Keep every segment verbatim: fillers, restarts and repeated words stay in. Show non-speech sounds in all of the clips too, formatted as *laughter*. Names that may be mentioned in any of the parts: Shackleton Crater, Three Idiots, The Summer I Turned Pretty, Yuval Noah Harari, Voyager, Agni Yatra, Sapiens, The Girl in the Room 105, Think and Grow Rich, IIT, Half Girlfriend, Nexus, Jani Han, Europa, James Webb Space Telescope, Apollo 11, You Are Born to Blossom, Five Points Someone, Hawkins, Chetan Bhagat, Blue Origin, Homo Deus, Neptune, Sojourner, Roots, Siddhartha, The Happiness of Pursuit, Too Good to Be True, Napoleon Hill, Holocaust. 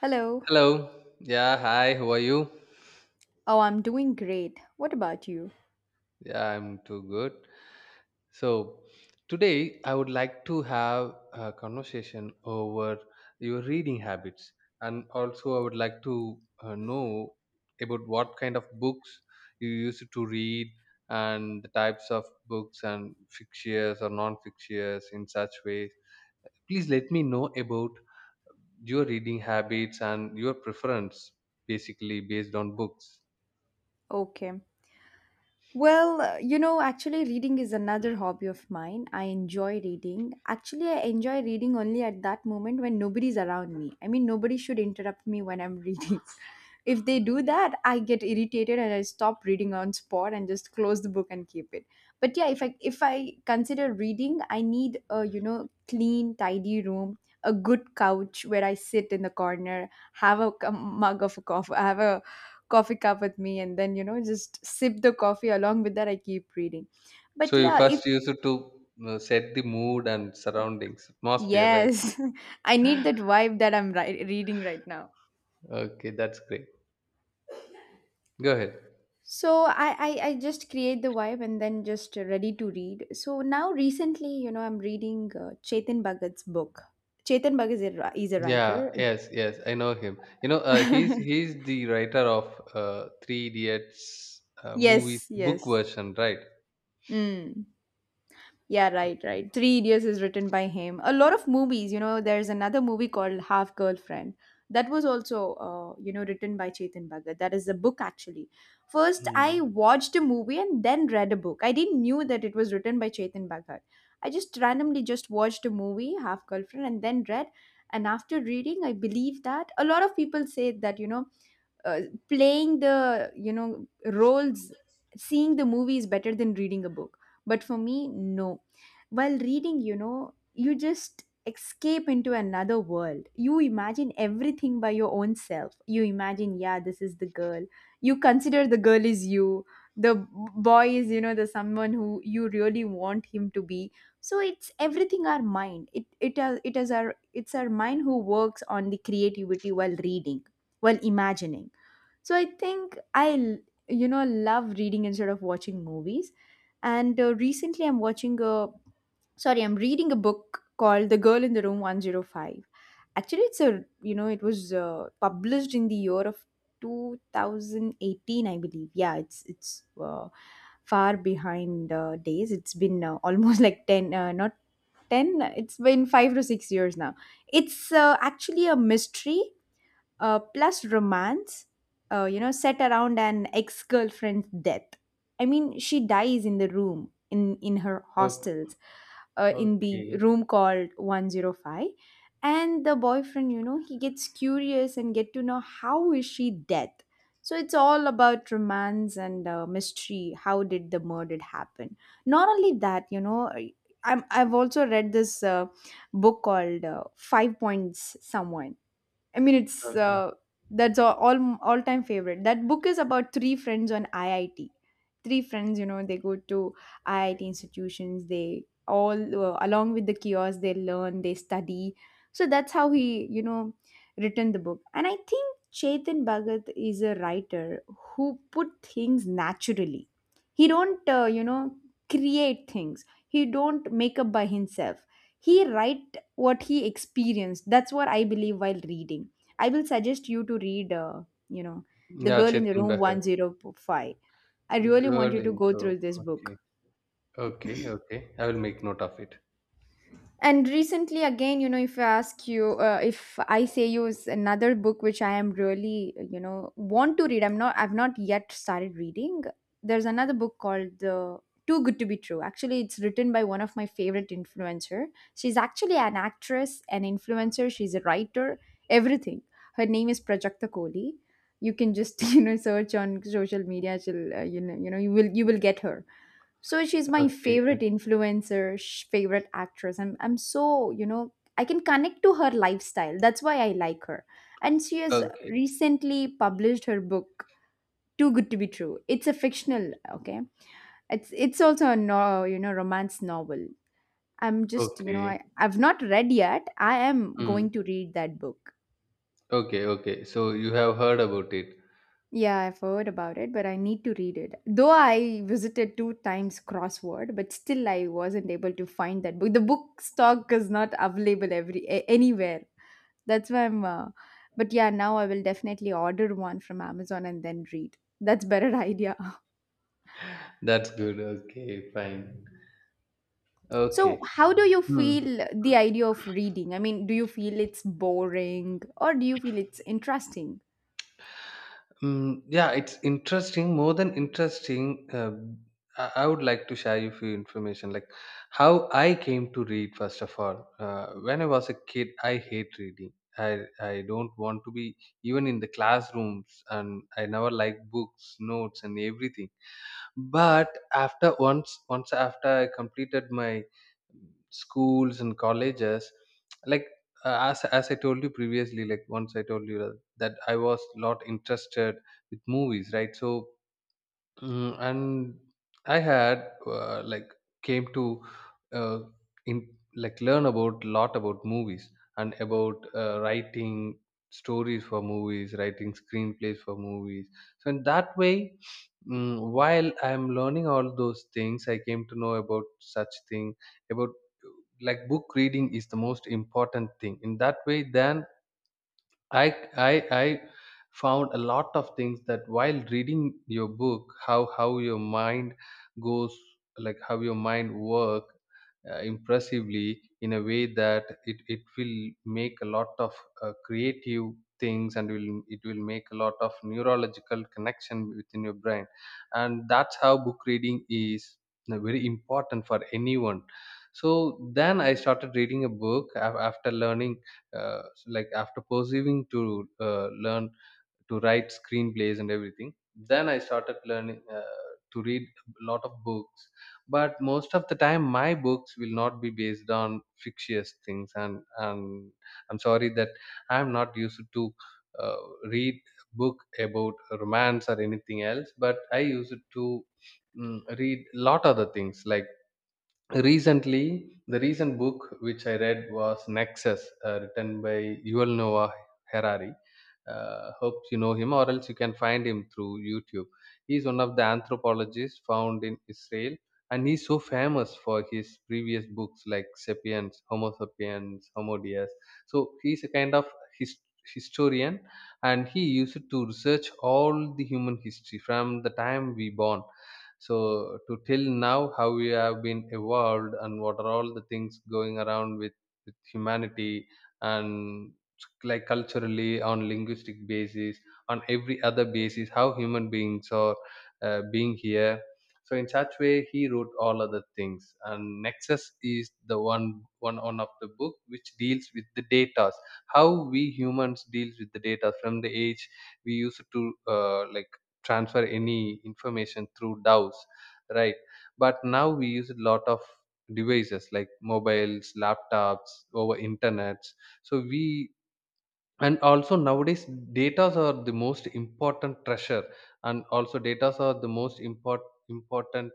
Hello. Hello. Yeah, hi. How are you? Oh, I'm doing great. What about you? Yeah, I'm too good. So, today I would like to have a conversation over your reading habits, and also I would like to uh, know about what kind of books you used to read and the types of books and fictitious or non-fictitious in such ways. Please let me know about your reading habits and your preference basically based on books. Okay. Well, uh, you know, actually, reading is another hobby of mine. I enjoy reading. Actually, I enjoy reading only at that moment when nobody's around me. I mean, nobody should interrupt me when I'm reading. *laughs* If they do that, I get irritated and I stop reading on spot and just close the book and keep it. But yeah, if I if I consider reading, I need a you know clean, tidy room, a good couch where I sit in the corner, have a, c- mug of a coffee, have a coffee cup with me, and then you know just sip the coffee. Along with that, I keep reading. So But you yeah, if first used to uh, set the mood and surroundings, atmosphere, yes. *laughs* I right? need that *laughs* vibe, that I'm ri- reading right now. Okay, that's great. Go ahead. So I, I i just create the vibe and then just ready to read. So now recently, you know I'm reading uh, Chetan Bhagat's book. Chetan Bhagat is a, ri- is a Yeah, writer. yes, yes, I know him. You know, uh, he's *laughs* he's the writer of uh, Three Idiots uh, movies Yes, book yes. version, right? Mm. Yeah, right, right. Three Idiots is written by him. A lot of movies, you know, there's another movie called Half Girlfriend. That was also, uh, you know, written by Chetan Bhagat. That is a book, actually. First, Hmm. I watched a movie and then read a book. I didn't knew that it was written by Chetan Bhagat. I just randomly just watched a movie, Half Girlfriend, and then read. And after reading, I believe that a lot of people say that, you know, uh, playing the you know roles, seeing the movie is better than reading a book, but for me, no. While reading, you know, you just escape into another world. You imagine everything by your own self. You imagine, yeah, this is the girl. You consider the girl is you, the b- boy is, you know, the someone who you really want him to be. So it's everything our mind. It it has it is our it's our mind who works on the creativity while reading, while imagining. So I think I, you know, love reading instead of watching movies. And uh, recently I'm watching a, sorry, I'm reading a book called The Girl in the Room one zero five. Actually, it's a, you know, it was uh, published in the year of two thousand eighteen, I believe. Yeah, it's, it's, uh, far behind uh, days. It's been uh, almost *laughs* like ten. Uh, not ten, it's been five to six years now. It's uh, actually a mystery uh, plus romance, uh, you know, set around an ex girlfriend's death. I mean, she dies in the room, in in her Okay, hostels, uh, in the okay, room called one zero five, and the boyfriend, you know, he gets curious and get to know how is she dead. So it's all about romance and uh, mystery. How did the murder happen? Not only that, you know, I- I'm, I've also read this uh, book called uh, Five Points Someone. I mean, it's okay. uh, that's all all all time favorite. That book is about three friends on I I T. Three friends, you know, they go to I I T institutions. They all uh, along with the kiosks, they learn, they study. So that's how he, you know, written the book. And I think Chetan Bhagat is a writer who put things naturally. He don't, uh, you know, create things. He don't make up by himself. He write what he experienced. That's what I believe. While reading, I will suggest you to read, uh, you know, The Yeah, Girl in the Chetan Room Bhagat. one zero five. I really want you Girl to go intro. through this book. Okay, okay, okay. I will make note of it. And recently, again, you know, if I ask you, uh, if I say you, is another book which I am really, you know, want to read. I'm not. I've not yet started reading. There's another book called The Too Good to Be True. Actually, it's written by one of my favorite influencer. She's actually an actress, an influencer. She's a writer. Everything. Her name is Prajakta Kohli. You can just *laughs* you know, search on social media. She'll uh, you know you know you will You will get her. So she's my Okay, favorite okay, influencer, sh- favorite actress. I'm, I'm so, you know, I can connect to her lifestyle. That's why I like her. And she has okay. recently published her book, Too Good to Be True. It's a fictional, okay? It's it's also a, no, you know, romance novel. I'm just, you know, Okay. I, I've not read yet. I am Hmm. going to read that book. Okay, okay. So you have heard about it. Yeah, I've heard about it, but I need to read it. Though I visited two times crossword, but still I wasn't able to find that book. The book stock is not available every a- anywhere. That's why I'm. Uh, but yeah, now I will definitely order one from Amazon and then read. That's better idea. *laughs* That's good. Okay, fine. So, Okay. how do you Hmm. feel the idea of reading? I mean, do you feel it's boring or do you feel it's interesting? Mm, yeah, it's interesting. More than interesting, uh, I, I would like to share you few information, like how I came to read. First of all, uh, when I was a kid, I hate reading. I I don't want to be even in the classrooms, and I never like books, notes, and everything. But after once once after I completed my schools and colleges like uh, as as I told you previously, like once I told you that that I was lot interested with movies, right? So mm, and I had uh, like came to uh, in like learn about lot about movies and about uh, writing stories for movies, writing screenplays for movies. So in that way, mm, while I'm learning all those things, I came to know about such thing about like book reading is the most important thing. In that way, then I, I I found a lot of things that while reading your book, how how your mind goes, like how your mind work uh, impressively in a way that it, it will make a lot of uh, creative things and will it will make a lot of neurological connection within your brain, and that's how book reading is uh, very important for anyone. So then I started reading a book af- after learning uh, so like after perceiving to uh, learn to write screenplays and everything, then I started learning uh, to read a lot of books, but most of the time my books will not be based on fictitious things, and and I'm sorry that I'm not used to uh, read book about romance or anything else, but I used to mm, read lot other things like recently, the recent book which I read was Nexus, uh, written by Yuval Noah Harari. Uh, hope you know him, or else you can find him through YouTube. He's one of the anthropologists found in Israel, and he's so famous for his previous books like *Sapiens*, *Homo Sapiens*, *Homo Deus*. So he's a kind of his- historian, and he used to research all the human history from the time we born so to till now, how we have been evolved and what are all the things going around with, with humanity and like culturally on linguistic basis, on every other basis how human beings are uh, being here. So in such way he wrote all other things, and nexus is the one one one of the book which deals with the data, how we humans deals with the data from the age we used to uh, like transfer any information through D A Os, right? But now we use a lot of devices like mobiles, laptops, over internets. So we, and also nowadays datas are the most important treasure, and also datas are the most import, important,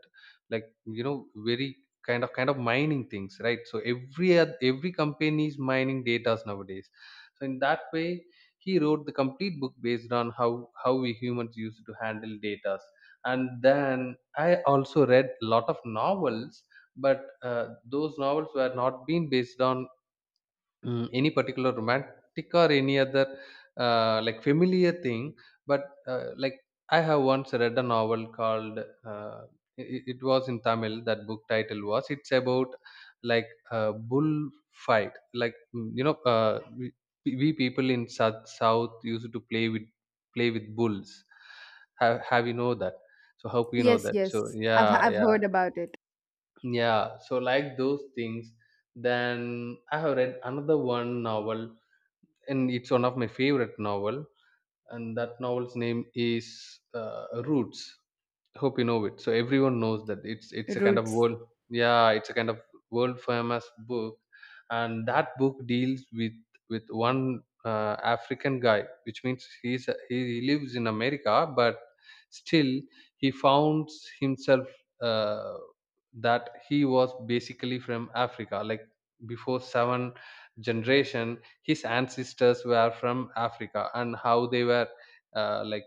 like you know very kind of kind of mining things, right? So every oth- every company is mining datas nowadays. So in that way he wrote the complete book based on how how we humans used to handle datas. And then I also read a lot of novels, but uh, those novels were not being based on mm, any particular romantic or any other uh, like familiar thing, but uh, like I have once read a novel called uh, it, it was in tamil. That book title was, it's about like a bull fight like mm, you know uh, we, we people in south, south used to play with play with bulls. Have, have you know that? So how you know Yes, that? So yes. I've yeah, I've yeah, heard about it. yeah. So like those things. Then I have read another one novel, and it's one of my favorite novel, and that novel's name is uh, roots. Hope you know it. So everyone knows that it's it's a kind of Roots. world. Yeah, it's a kind of world famous book, and that book deals with with one uh, African guy, which means he's a- he lives in America, but still he founds himself uh, that he was basically from Africa, like before seven generation his ancestors were from africa and how they were uh, like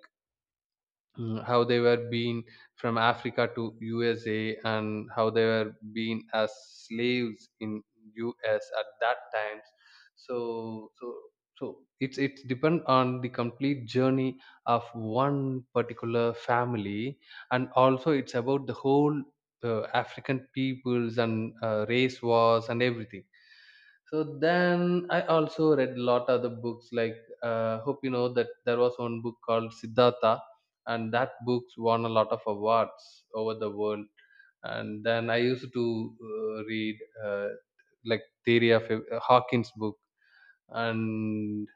mm, how they were being from Africa to U S A and how they were being as slaves in U S at that time. So so so it's it's depend on the complete journey of one particular family, and also it's about the whole uh, African peoples and uh, race wars and everything. So then I also read a lot other books like uh, hope you know that there was one book called Siddhartha, and that book's won a lot of awards over the world. And then I used to uh, read uh, like theory of ev- uh, Hawkins book and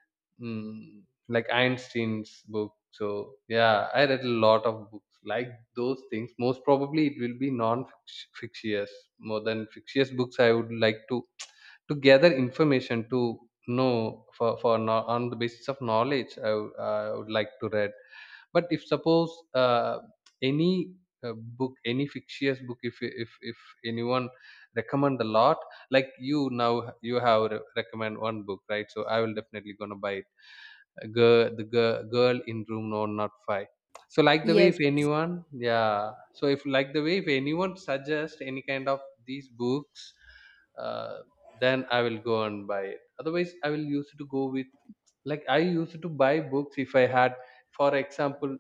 mm, like Einstein's book. So yeah, I read a lot of books like those things. Most probably it will be non-fictitious more than fictitious books. I would like to to gather information to know for for no, on the basis of knowledge I, would- I would like to read. But if suppose uh, any uh, book, any fictitious book, if if if anyone recommend a lot, like you now you have re- recommend one book, right? So I will definitely gonna buy it, girl, the girl, girl in room no not five. So like the way Yes. if anyone, yeah, so if like the way if anyone suggest any kind of these books, uh, then I will go and buy it. Otherwise I will use to go with, like I used to buy books if I had, for example,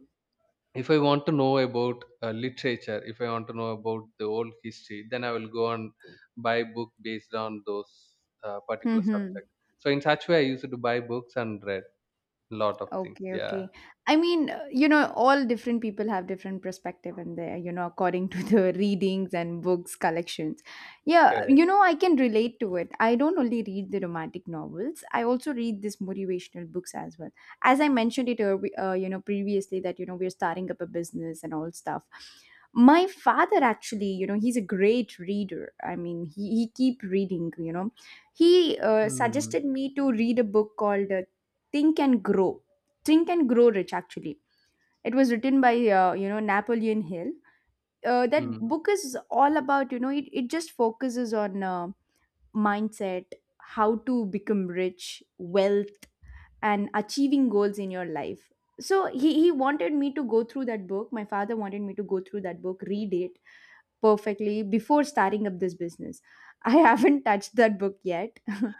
if I want to know about uh, literature, if I want to know about the old history, then I will go and buy book based on those uh, particular subject. *laughs* So in such way I used to buy books and read a lot of things. Okay, Yeah, okay. I mean, uh, you know, all different people have different perspective in there, you know, according to the *laughs* readings and books collections. Yeah, you correct. know, I can relate to it. I don't only read the romantic novels, I also read these motivational books as well. As I mentioned it, early- uh, you know, previously, that, you know, we're starting up a business and all stuff. My father actually, you know, he's a great reader. I mean, he, he keep reading, you know. He uh, Mm. suggested me to read a book called uh, Think and Grow, Think and Grow Rich actually. It was written by uh, you know, Napoleon Hill. Uh, that Mm. book is all about, you know, it, it just focuses on uh, mindset, how to become rich, wealth, and achieving goals in your life. So he, he wanted me to go through that book. My father wanted me to go through that book, read it perfectly before starting up this business. I *laughs* haven't touched that book yet. *laughs*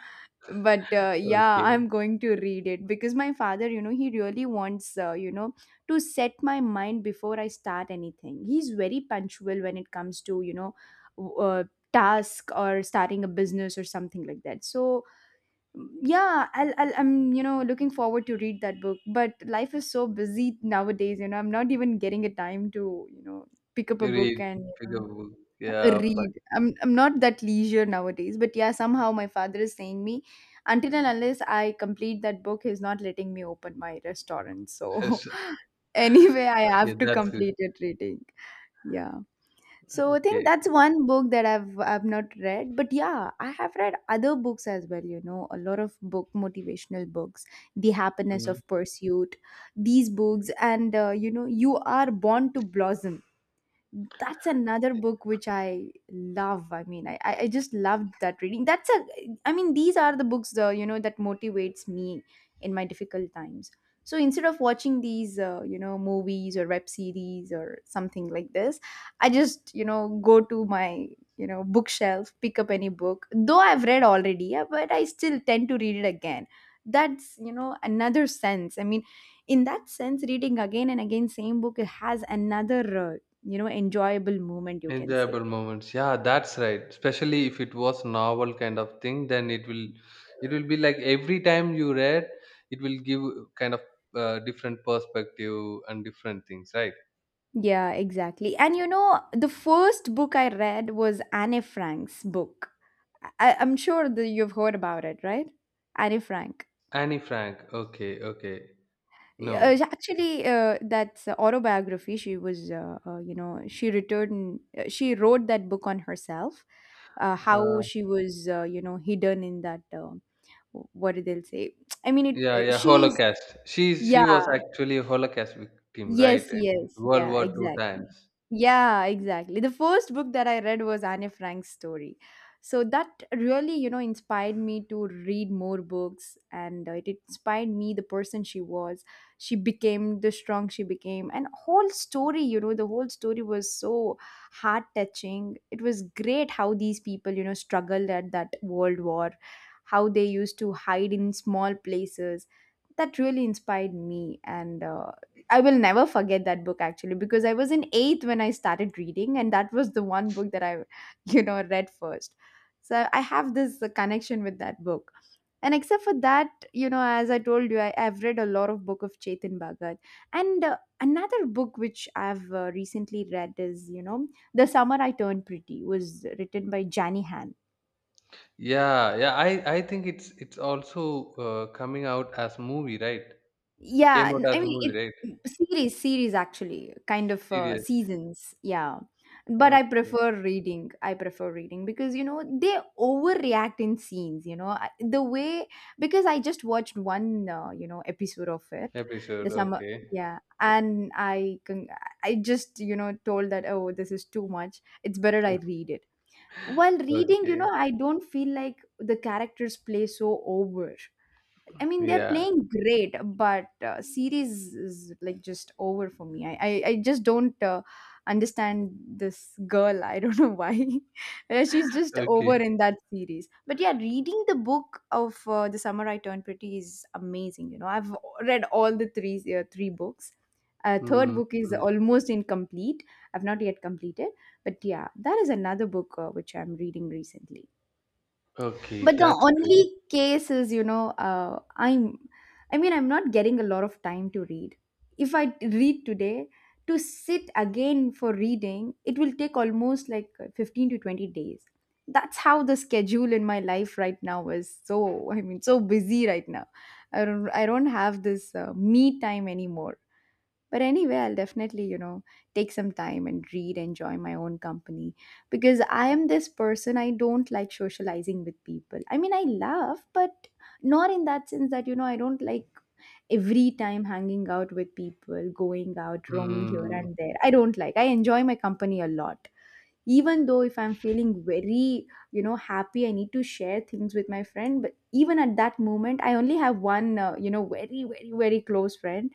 But uh, yeah, I'm Okay, going to read it because my father, you know, he really wants, uh, you know to set my mind before I start anything. He's very punctual when it comes to, you know, w- uh, task or starting a business or something like that. So mm, yeah, I'll, I'll i'm you know, looking forward to read that book. But life is so busy nowadays, you know. I'm not even getting a time to, you know, pick up a you read, book and, you pick know, a book, yeah, fine. read. I'm I'm not that leisure nowadays, but yeah, somehow my father is saying me, until and unless I complete that book, he's not letting me open my restaurant. So, *laughs* *laughs* anyway, I Okay, have to that's good. complete it reading. Yeah. So I think Okay. that's one book that I've I've not read. But yeah, I have read other books as well, you know, a lot of book, motivational books, The Happiness Hmm. of Pursuit, these books and, uh, you know, You Are Born to Blossom. That's another book which I love. I mean, i i I just loved that reading. That's a, I mean, these are the books, uh, you know, that motivates me in my difficult times. So instead of watching these uh, you know, movies or web series or something like this, I just, you know, go to my, you know, bookshelf, pick up any book. Though I've read already, uh, but I still tend to read it again. That's, you know, another sense. I mean, in that sense, reading again and again same book, it has another uh, you know, enjoyable moment, you can say. Enjoyable moments. Yeah, that's right. Especially if it was novel kind of thing, then it will it will be like every time you read, it will give kind of uh, different perspective and different things, right? Yeah, exactly. And you know, the first book I read was Anne Frank's book. I- I'm sure that you've heard about it, right? Anne Frank. Annie Frank. Okay, okay. Uh, No. actually uh, That's a autobiography. She was uh, uh, You know, she returned uh, she wrote that book on herself, uh, how Uh, she was, uh, you know, hidden in that, uh, what did they say I mean it yeah, uh, yeah. she's Holocaust. She she was yeah. actually a Holocaust victim, right? Yes, In yes. World Yeah, War Two exactly. times. Yeah, exactly. The first book that I read was Anne Frank's story. So that really, you know, inspired me to read more books, and uh, it inspired me the person she was. She became the strong she became, and whole story, you know, the whole story was so heart touching. It was great how these people, you know, struggled at that world war, how they used to hide in small places. That really inspired me. And uh, I will never forget that book actually, because I was in eighth when I started reading, and that was the one book that I, *laughs* you know, read first. So I have this uh, connection with that book. And except for that, you know, as I told you, I, I've read a lot of book of Chetan Bhagat. And uh, another book which I've uh, recently read is, you know, The Summer I Turned Pretty, was written by Jani Han. Yeah, yeah. I I think it's it's also uh, coming out as movie, right? Yeah, Came out n- as I a mean it movie, right? series series actually, kind of uh, Serious. seasons, yeah. But I Okay. prefer reading. I prefer reading because you know they overreact in scenes, you know. I- The way, because I just watched one uh, you know, episode of it, the Episode, summer, okay. yeah. and I con- I just, you know, told that, oh, this is too much. It's better I read it. While reading, you know, Okay. I don't feel like the characters play so over. I mean, they're Yeah. playing great, but uh, series is like just over for me. I I, I just don't uh, understand this girl. I don't know why. *laughs* Uh, She's just over Okay. in that series. But yeah, reading the book of uh, The Summer I Turned Pretty is amazing. You know, I've read all the three uh, three books. Uh, third Mm, book is mm. almost incomplete. I've not yet completed, but yeah, that is another book uh, which I'm reading recently, Okay, but the that's great. only case is, you know, uh, i'm i mean I'm not getting a lot of time to read. If I read today, to sit again for reading, it will take almost like fifteen to twenty days. That's how the schedule in my life right now is. So I mean, so busy right now. I don't i don't have this uh, me time anymore. But anyway, I'll definitely, you know, take some time and read, enjoy my own company, because I am this person. I don't like socializing with people. I mean, I love, but not in that sense that, you know, I don't like every time hanging out with people, going out, roaming here Mm, and there. I don't like. I enjoy my company a lot, even though if I'm feeling very, you know, happy, I need to share things with my friend. But even at that moment, I only have one uh, you know, very, very, very close friend.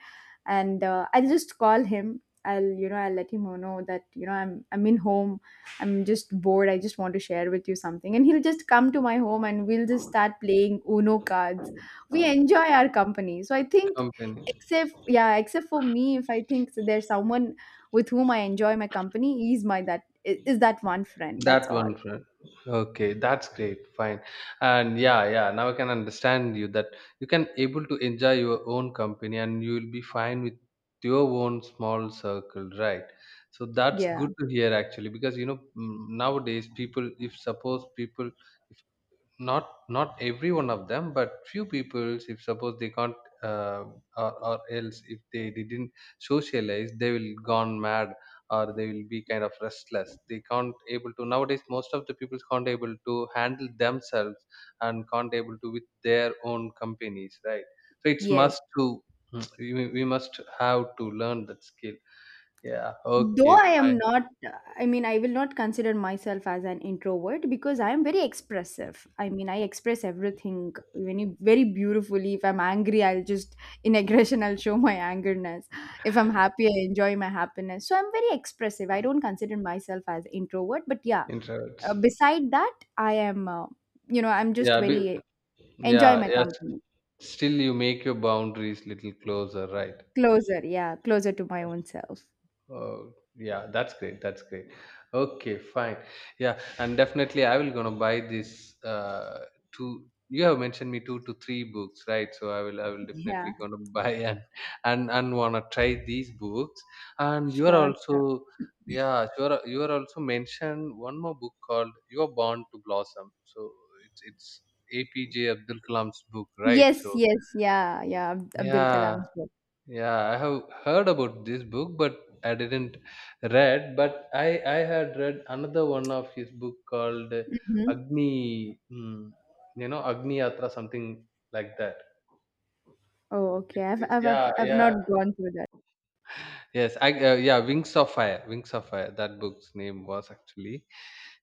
And uh, I'll just call him, I'll you know, I'll let him know that, you know, i'm i'm in home, I'm just bored, I just want to share with you something. And he'll just come to my home and we'll just start playing Uno cards. We enjoy our company. So I think, company. except, yeah, except for me, if I think, so there's someone with whom I enjoy my company. He's my that is, is that one friend, that's That all. one friend. Okay, that's great. Fine. And yeah, yeah. Now I can understand you that you can able to enjoy your own company and you will be fine with your own small circle, right? So that's Yeah. good to hear actually, because you know mm, nowadays people, if suppose people if. Not not every one of them, but few people, if suppose they can't uh, or, or else if they didn't socialize, they will gone mad, or they will be kind of restless. They can't able to nowadays. Most of the people can't able to handle themselves and can't able to with their own companies, right? So it's Yes, must to mm, we, we must have to learn that skill. Yeah, though okay, I am fine. not, I mean, I will not consider myself as an introvert because I am very expressive. I mean, I express everything very, very beautifully. If I'm angry, I'll just in aggression I'll show my angerness. If I'm happy, I enjoy my happiness. So I'm very expressive. I don't consider myself as introvert, but yeah, uh, Introverts. beside that, I am uh, you know, I'm just Yeah, be, very enjoy yeah, my yeah. company. Still, you make your boundaries little closer, right? Closer, yeah, closer to my own self. Oh, yeah, that's great. That's great. Okay, fine. Yeah, and definitely, I will gonna buy this. Uh, two. You have mentioned me two to three books, right? So I will, I will Yeah. definitely gonna *laughs* buy and and and wanna try these books. And you are Sure, sure. also, yeah, you are, you are also mentioned one more book called "You Are Born to Blossom." So it's it's A P J Abdul Kalam's book, right? Yes, So yes, yeah, yeah. Ab- Abdul yeah, Kalam. Sure. yeah, I have heard about this book, but I didn't read. But I I had read another one of his book called uh, Hmm. Agni, mm, you know, Agni Yatra, something like that. Oh, okay. It's, I've, it's I've, I've, yeah, I've not yeah, gone through that. yes I uh, yeah Wings of Fire, Wings of Fire. That book's name was actually,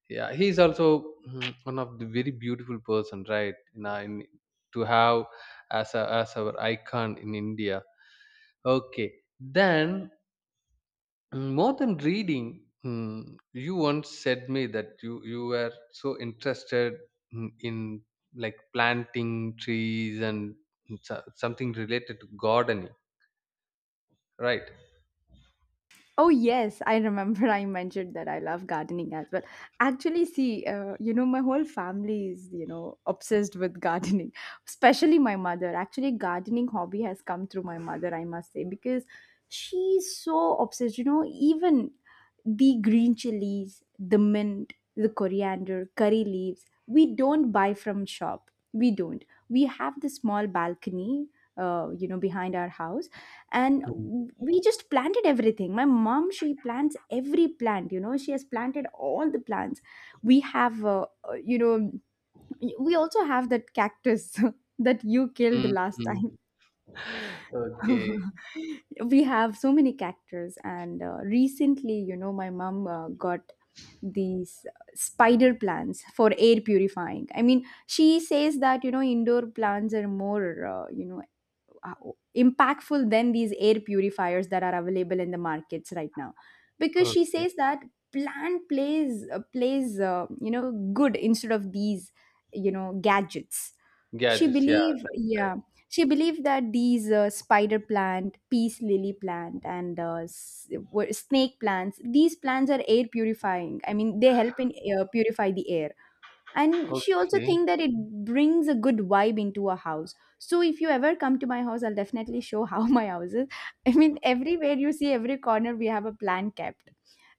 yeah. He's also mm, one of the very beautiful person, right? You in, to have as a as our icon in India. Okay, then. Mm, more than reading mm, you once said me that you you were so interested in, in like planting trees and so- something related to gardening, right? Oh yes, I remember, I mentioned that I love gardening as well. Actually, see, uh, you know, my whole family is, you know, obsessed with gardening, *laughs* especially my mother. Actually, gardening hobby has come through my mother, I must say, because she's so obsessed, you know, even the green chilies, the mint, the coriander, curry leaves, we don't buy from shop. We don't. We have the small balcony, uh, you know, behind our house, and Mm. we just planted everything. My mom, she plants every plant. You know, she has planted all the plants. We have uh, uh, you know, we also have that cactus. *laughs* That you killed Mm, last time. mm. Okay. *laughs* We have so many cactus. And uh, recently, you know, my mom uh, got these uh, spider plants for air purifying. I mean, she says that, you know, indoor plants are more uh, you know, uh, impactful than these air purifiers that are available in the markets right now. Because she Okay. says that plant plays uh, plays uh, you know, good instead of these, you know, gadgets. She Gadgets, yeah. believe, That's right. yeah, she believed that these uh, spider plant, peace lily plant, and uh, s- were- snake plants, these plants are air purifying. I mean, they help in uh, purify the air. And she also Okay. think that it brings a good vibe into a house. So if you ever come to my house, I'll definitely show how *laughs* my house is. I mean, everywhere you see, every corner we have a plant kept.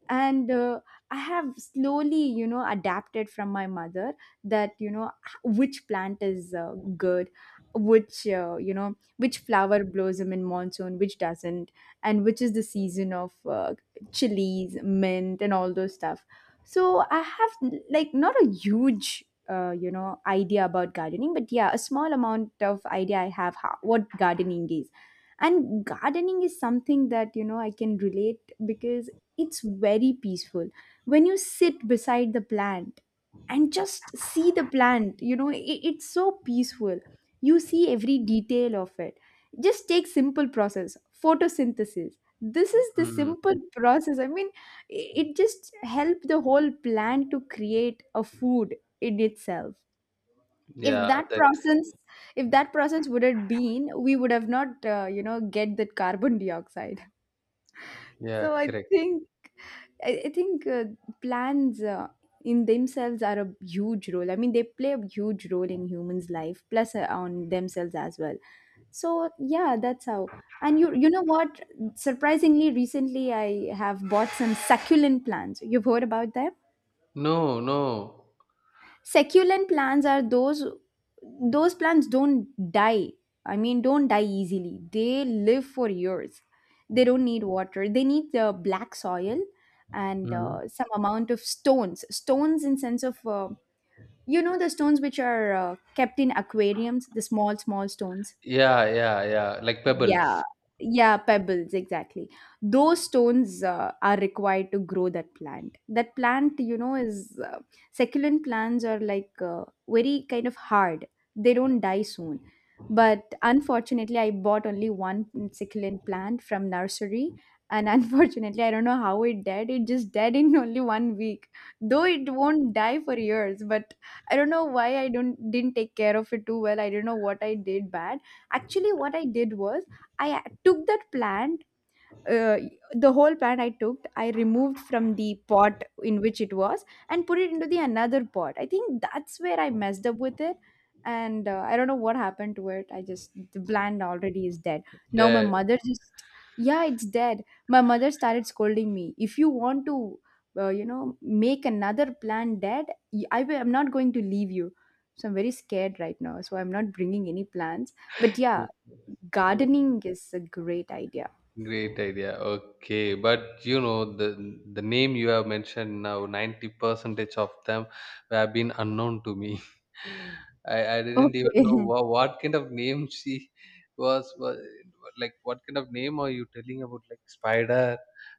And uh, I have slowly, you know, adapted from my mother, that, you know, h- which plant is uh, good, which uh, you know, which flower blossom in monsoon, which doesn't, and which is the season of uh, chilies, mint and all those stuff. So I have n- like, not a huge uh, you know, idea about gardening, but yeah, a small amount of idea I have how, what gardening is. And gardening is something that, you know, I can relate, because it's very peaceful. When you sit beside the plant and just see the plant, you know, it, it's so peaceful. You see every detail of it. Just take simple process, photosynthesis. This is the simple Mm. process. I mean, i- it just helped the whole plant to create a food in itself. If Yeah, that that. process, if that process would have been, we would have not uh, you know, get that carbon dioxide. *laughs* Yeah, So I correct. think, I, I think uh, plans uh, in themselves are a huge role. I mean, they play a huge role in humans' life, plus uh, on themselves as well. So yeah, that's how. And you you know what? Surprisingly, recently I have bought some succulent plants. You've heard about them? No, no. Succulent plants are those those plants don't die. I mean, don't die easily. They live for years. They don't need water. They need the black soil and Mm. uh, some amount of stones. Stones in sense of uh, you know, the stones which are uh, kept in aquariums, the small small stones. Yeah, yeah, yeah, like Yeah, pebbles. yeah, pebbles, exactly. Those stones uh, are required to grow that plant. That plant, you know, is uh, succulent plants are like uh, very kind of hard. They don't die soon. But unfortunately, I bought only one succulent plant from nursery, and *laughs* unfortunately, I don't know how it died. It just died in only one week. Though it won't die for years, but I don't know why I don't didn't take care of it too well. I don't know what I did bad. Actually, what I did was, I took that plant, uh, the whole plant, I took, I removed from the pot in which it was and put it into the another pot. I think that's where I messed up with it, and uh, I don't know what happened to it. I just, the plant already is dead. Now my That. mother just, yeah, it's dead. My mother started scolding me. If you want to, uh, you know, make another plant dead, y- I will, I'm not going to leave you. So I'm very scared right now. So I'm not bringing any plants. But yeah, *laughs* gardening is a great idea. Great idea. Okay, but you know, the the name you have mentioned now, ninety percentage of them have been unknown to me. *laughs* I I didn't even know Okay. what, what kind of name *laughs* she was, was like. What kind of name are you telling about? Like spider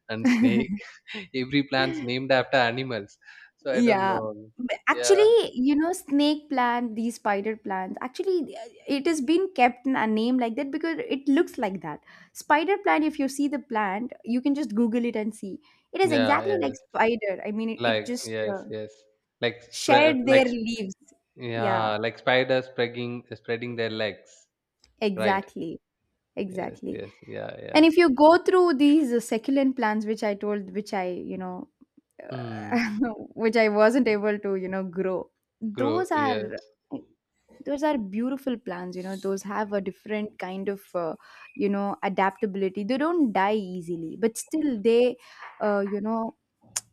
and snake. *laughs* *laughs* Every plant's named after animals. So I don't Yeah. know. But Yeah, actually, you know, snake plant, these spider plants, actually, uh, it has been kept in a name like that because it looks like that. Spider plant, if you see the plant, you can just Google it and see. It is yeah, exactly like yes. spider. I mean, it, it Like, just uh, yes, yes. Like spread, shed their like leaves. Yeah, yeah, like spiders spreading spreading their legs. Right. exactly. Yes, Exactly. yes. Yeah, And yeah. if you go through these uh, succulent plants, which I told, which I, you know, Mm. uh, *laughs* which I wasn't able to, you know, grow, Grow. those are, Yes. those are beautiful plants. You know, those have a different kind of, uh, you know, adaptability. They don't die easily, but still they, uh, you know,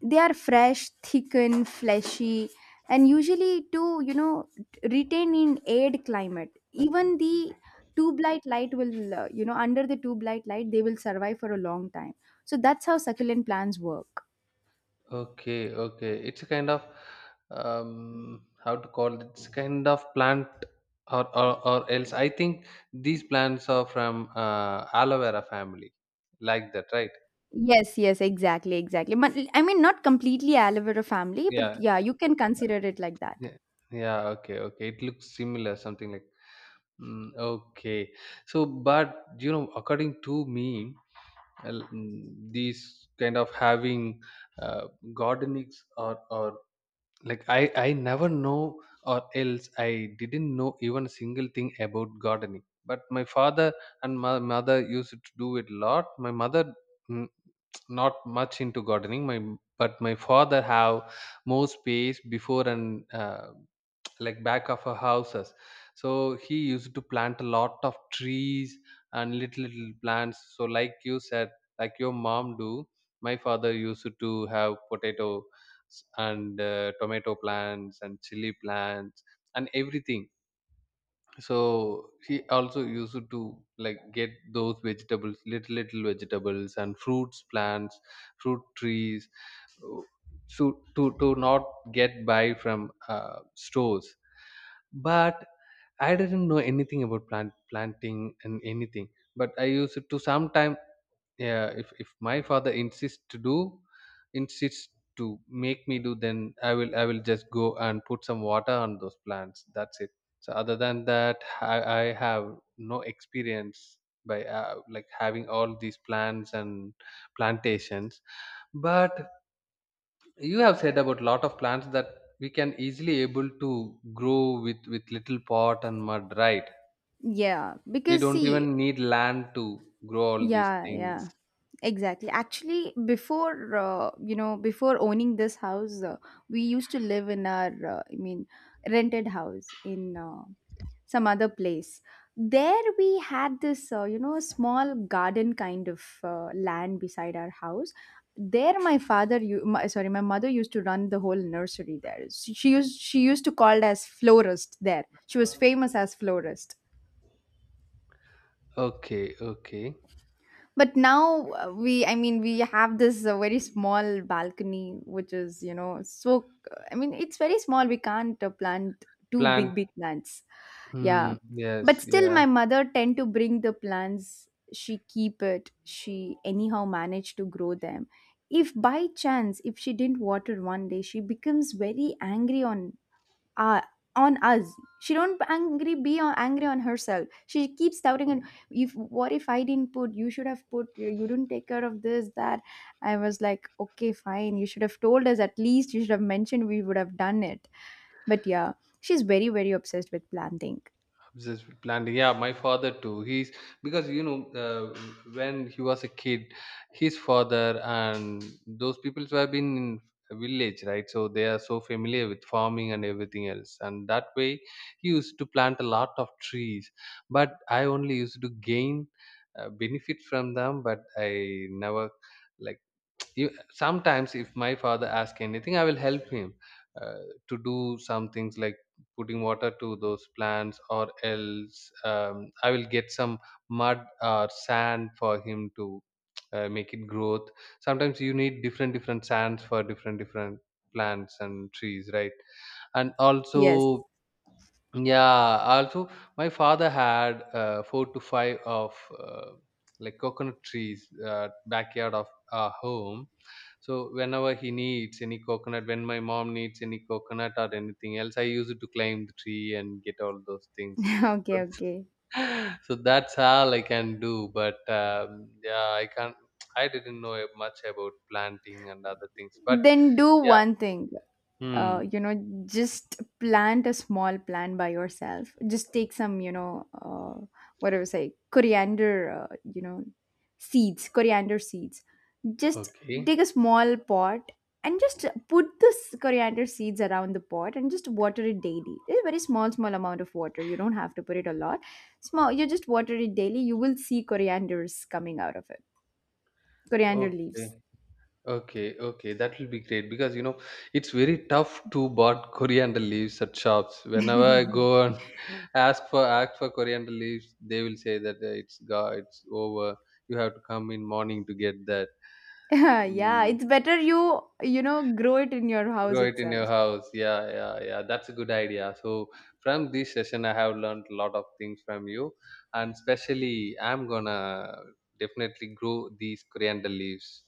they are fresh thickened fleshy, and usually to, you know, retain in arid climate, even the tube light light will uh, you know, under the tube light light, they will survive for a long time. So that's how succulent plants work. Okay, okay. It's a kind of um how to call it? It's kind of plant or or, or else. I think these plants are from uh, aloe vera family. Like that, right? Yes, yes, exactly, exactly. But I mean, not completely aloe vera family, but Yeah. yeah, you can consider it like that. Yeah. Yeah, okay, okay. It looks similar, something like, mm, okay. So, but you know, according to me, well, mm, these kind of having uh, gardenings, or or like, i i never know, or else i didn't know even a single thing about gardening, but my father and my mother used to do it a lot. My mother, mm, not much into gardening, my but my father have more space before, and uh, like back of our houses, so he used to plant a lot of trees and little little plants. So like you said, like your mom do, my father used to have potato s- and uh, tomato plants and chili plants and everything. So he also used to like get those vegetables, little little vegetables, and fruits plants fruit trees, uh, so to to not get by from uh, stores. But i didn't know anything about plant planting and anything, but i used to sometime, yeah, if, if my father insists to do, insists to make me do, then i will i will just go and put some water on those plants, that's it. So other than that, i, I have no experience by uh, like having all these plants and plantations. But you have said about lot of plants that we can easily able to grow with with little pot and mud, right? Yeah, We because don't see, even need land to grow all these yeah, yeah, things. exactly. Actually, before uh, you know, before owning this house, uh, we used to live in our uh, I mean, rented house in uh, some other place. There we had this uh, you know, small garden kind of uh, land beside our house. There my father you my, sorry, my mother used to run the whole nursery there. She, she used she used to called as florist there. She was famous as florist. Okay, okay. But now uh, we, I mean, we have this uh, very small balcony, which is, you know, so I mean, it's very small. We can't uh, plant two big Plant. big plants. Yeah, Hmm, but yes, still yeah. my mother tend to bring the plants. She keep it, she anyhow manage to grow them. If by chance, if she didn't water one day, she becomes very angry on uh, on us. She don't angry be on, angry on herself. She keeps doubting and, if what if I didn't put, you should have put, you didn't take care of this that. I was like, okay fine, you should have told us at least, you should have mentioned, we would have done it. But yeah, she's very, very obsessed with planting. Just planting. Yeah, my father too. He's because you know, uh, when he was a kid, his father and those people who have been in a village, right? So they are so familiar with farming and everything else, and that way he used to plant a lot of trees. But I only used to gain uh, benefit from them, but I never like. you, sometimes if my father asks anything, i will help him uh, to do some things like putting water to those plants, or else, um, i will get some mud or sand for him to uh, make it growth. Sometimes you need different different sands for different different plants and trees, right? And Yes. also, yeah, also my father had uh, four to five of uh, like coconut trees, uh, backyard of our home, so whenever he needs any coconut, when my mom needs any coconut or anything else, I use it to climb the tree and get all those things. *laughs* Okay, So, okay. *laughs* so that's all I can do. But um, yeah, I can't. I didn't know much about planting and other things. But Then do yeah. one thing, uh, Hmm. you know, just plant a small plant by yourself. Just take some, you know, uh, what do you say, coriander, uh, you know, seeds, coriander seeds. Just Okay. take a small pot and just put this coriander seeds around the pot and just water it daily. It's a very small small amount of water, you don't have to put it a lot. Small, you just water it daily, you will see corianders coming out of it, coriander Okay. leaves. Okay, okay, that will be great because you know it's very tough to bought coriander leaves at shops. Whenever I go and *laughs* ask for ask for coriander leaves, they will say that uh, it's go it's over. You have to come in morning to get that. *laughs* Yeah, Mm. it's better you, you know, grow it in your house Grow it in your itself. house. Yeah, yeah, yeah, that's a good idea. So from this session i have learned a lot of things from you, and especially i'm gonna definitely grow these coriander leaves.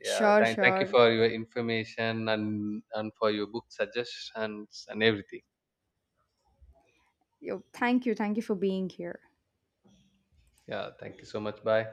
Yeah, Sure, thank, thank you sure. for your information, and and for your book suggestions and everything. Yo, thank you. Thank you for being here. Yeah, thank you so much, bye.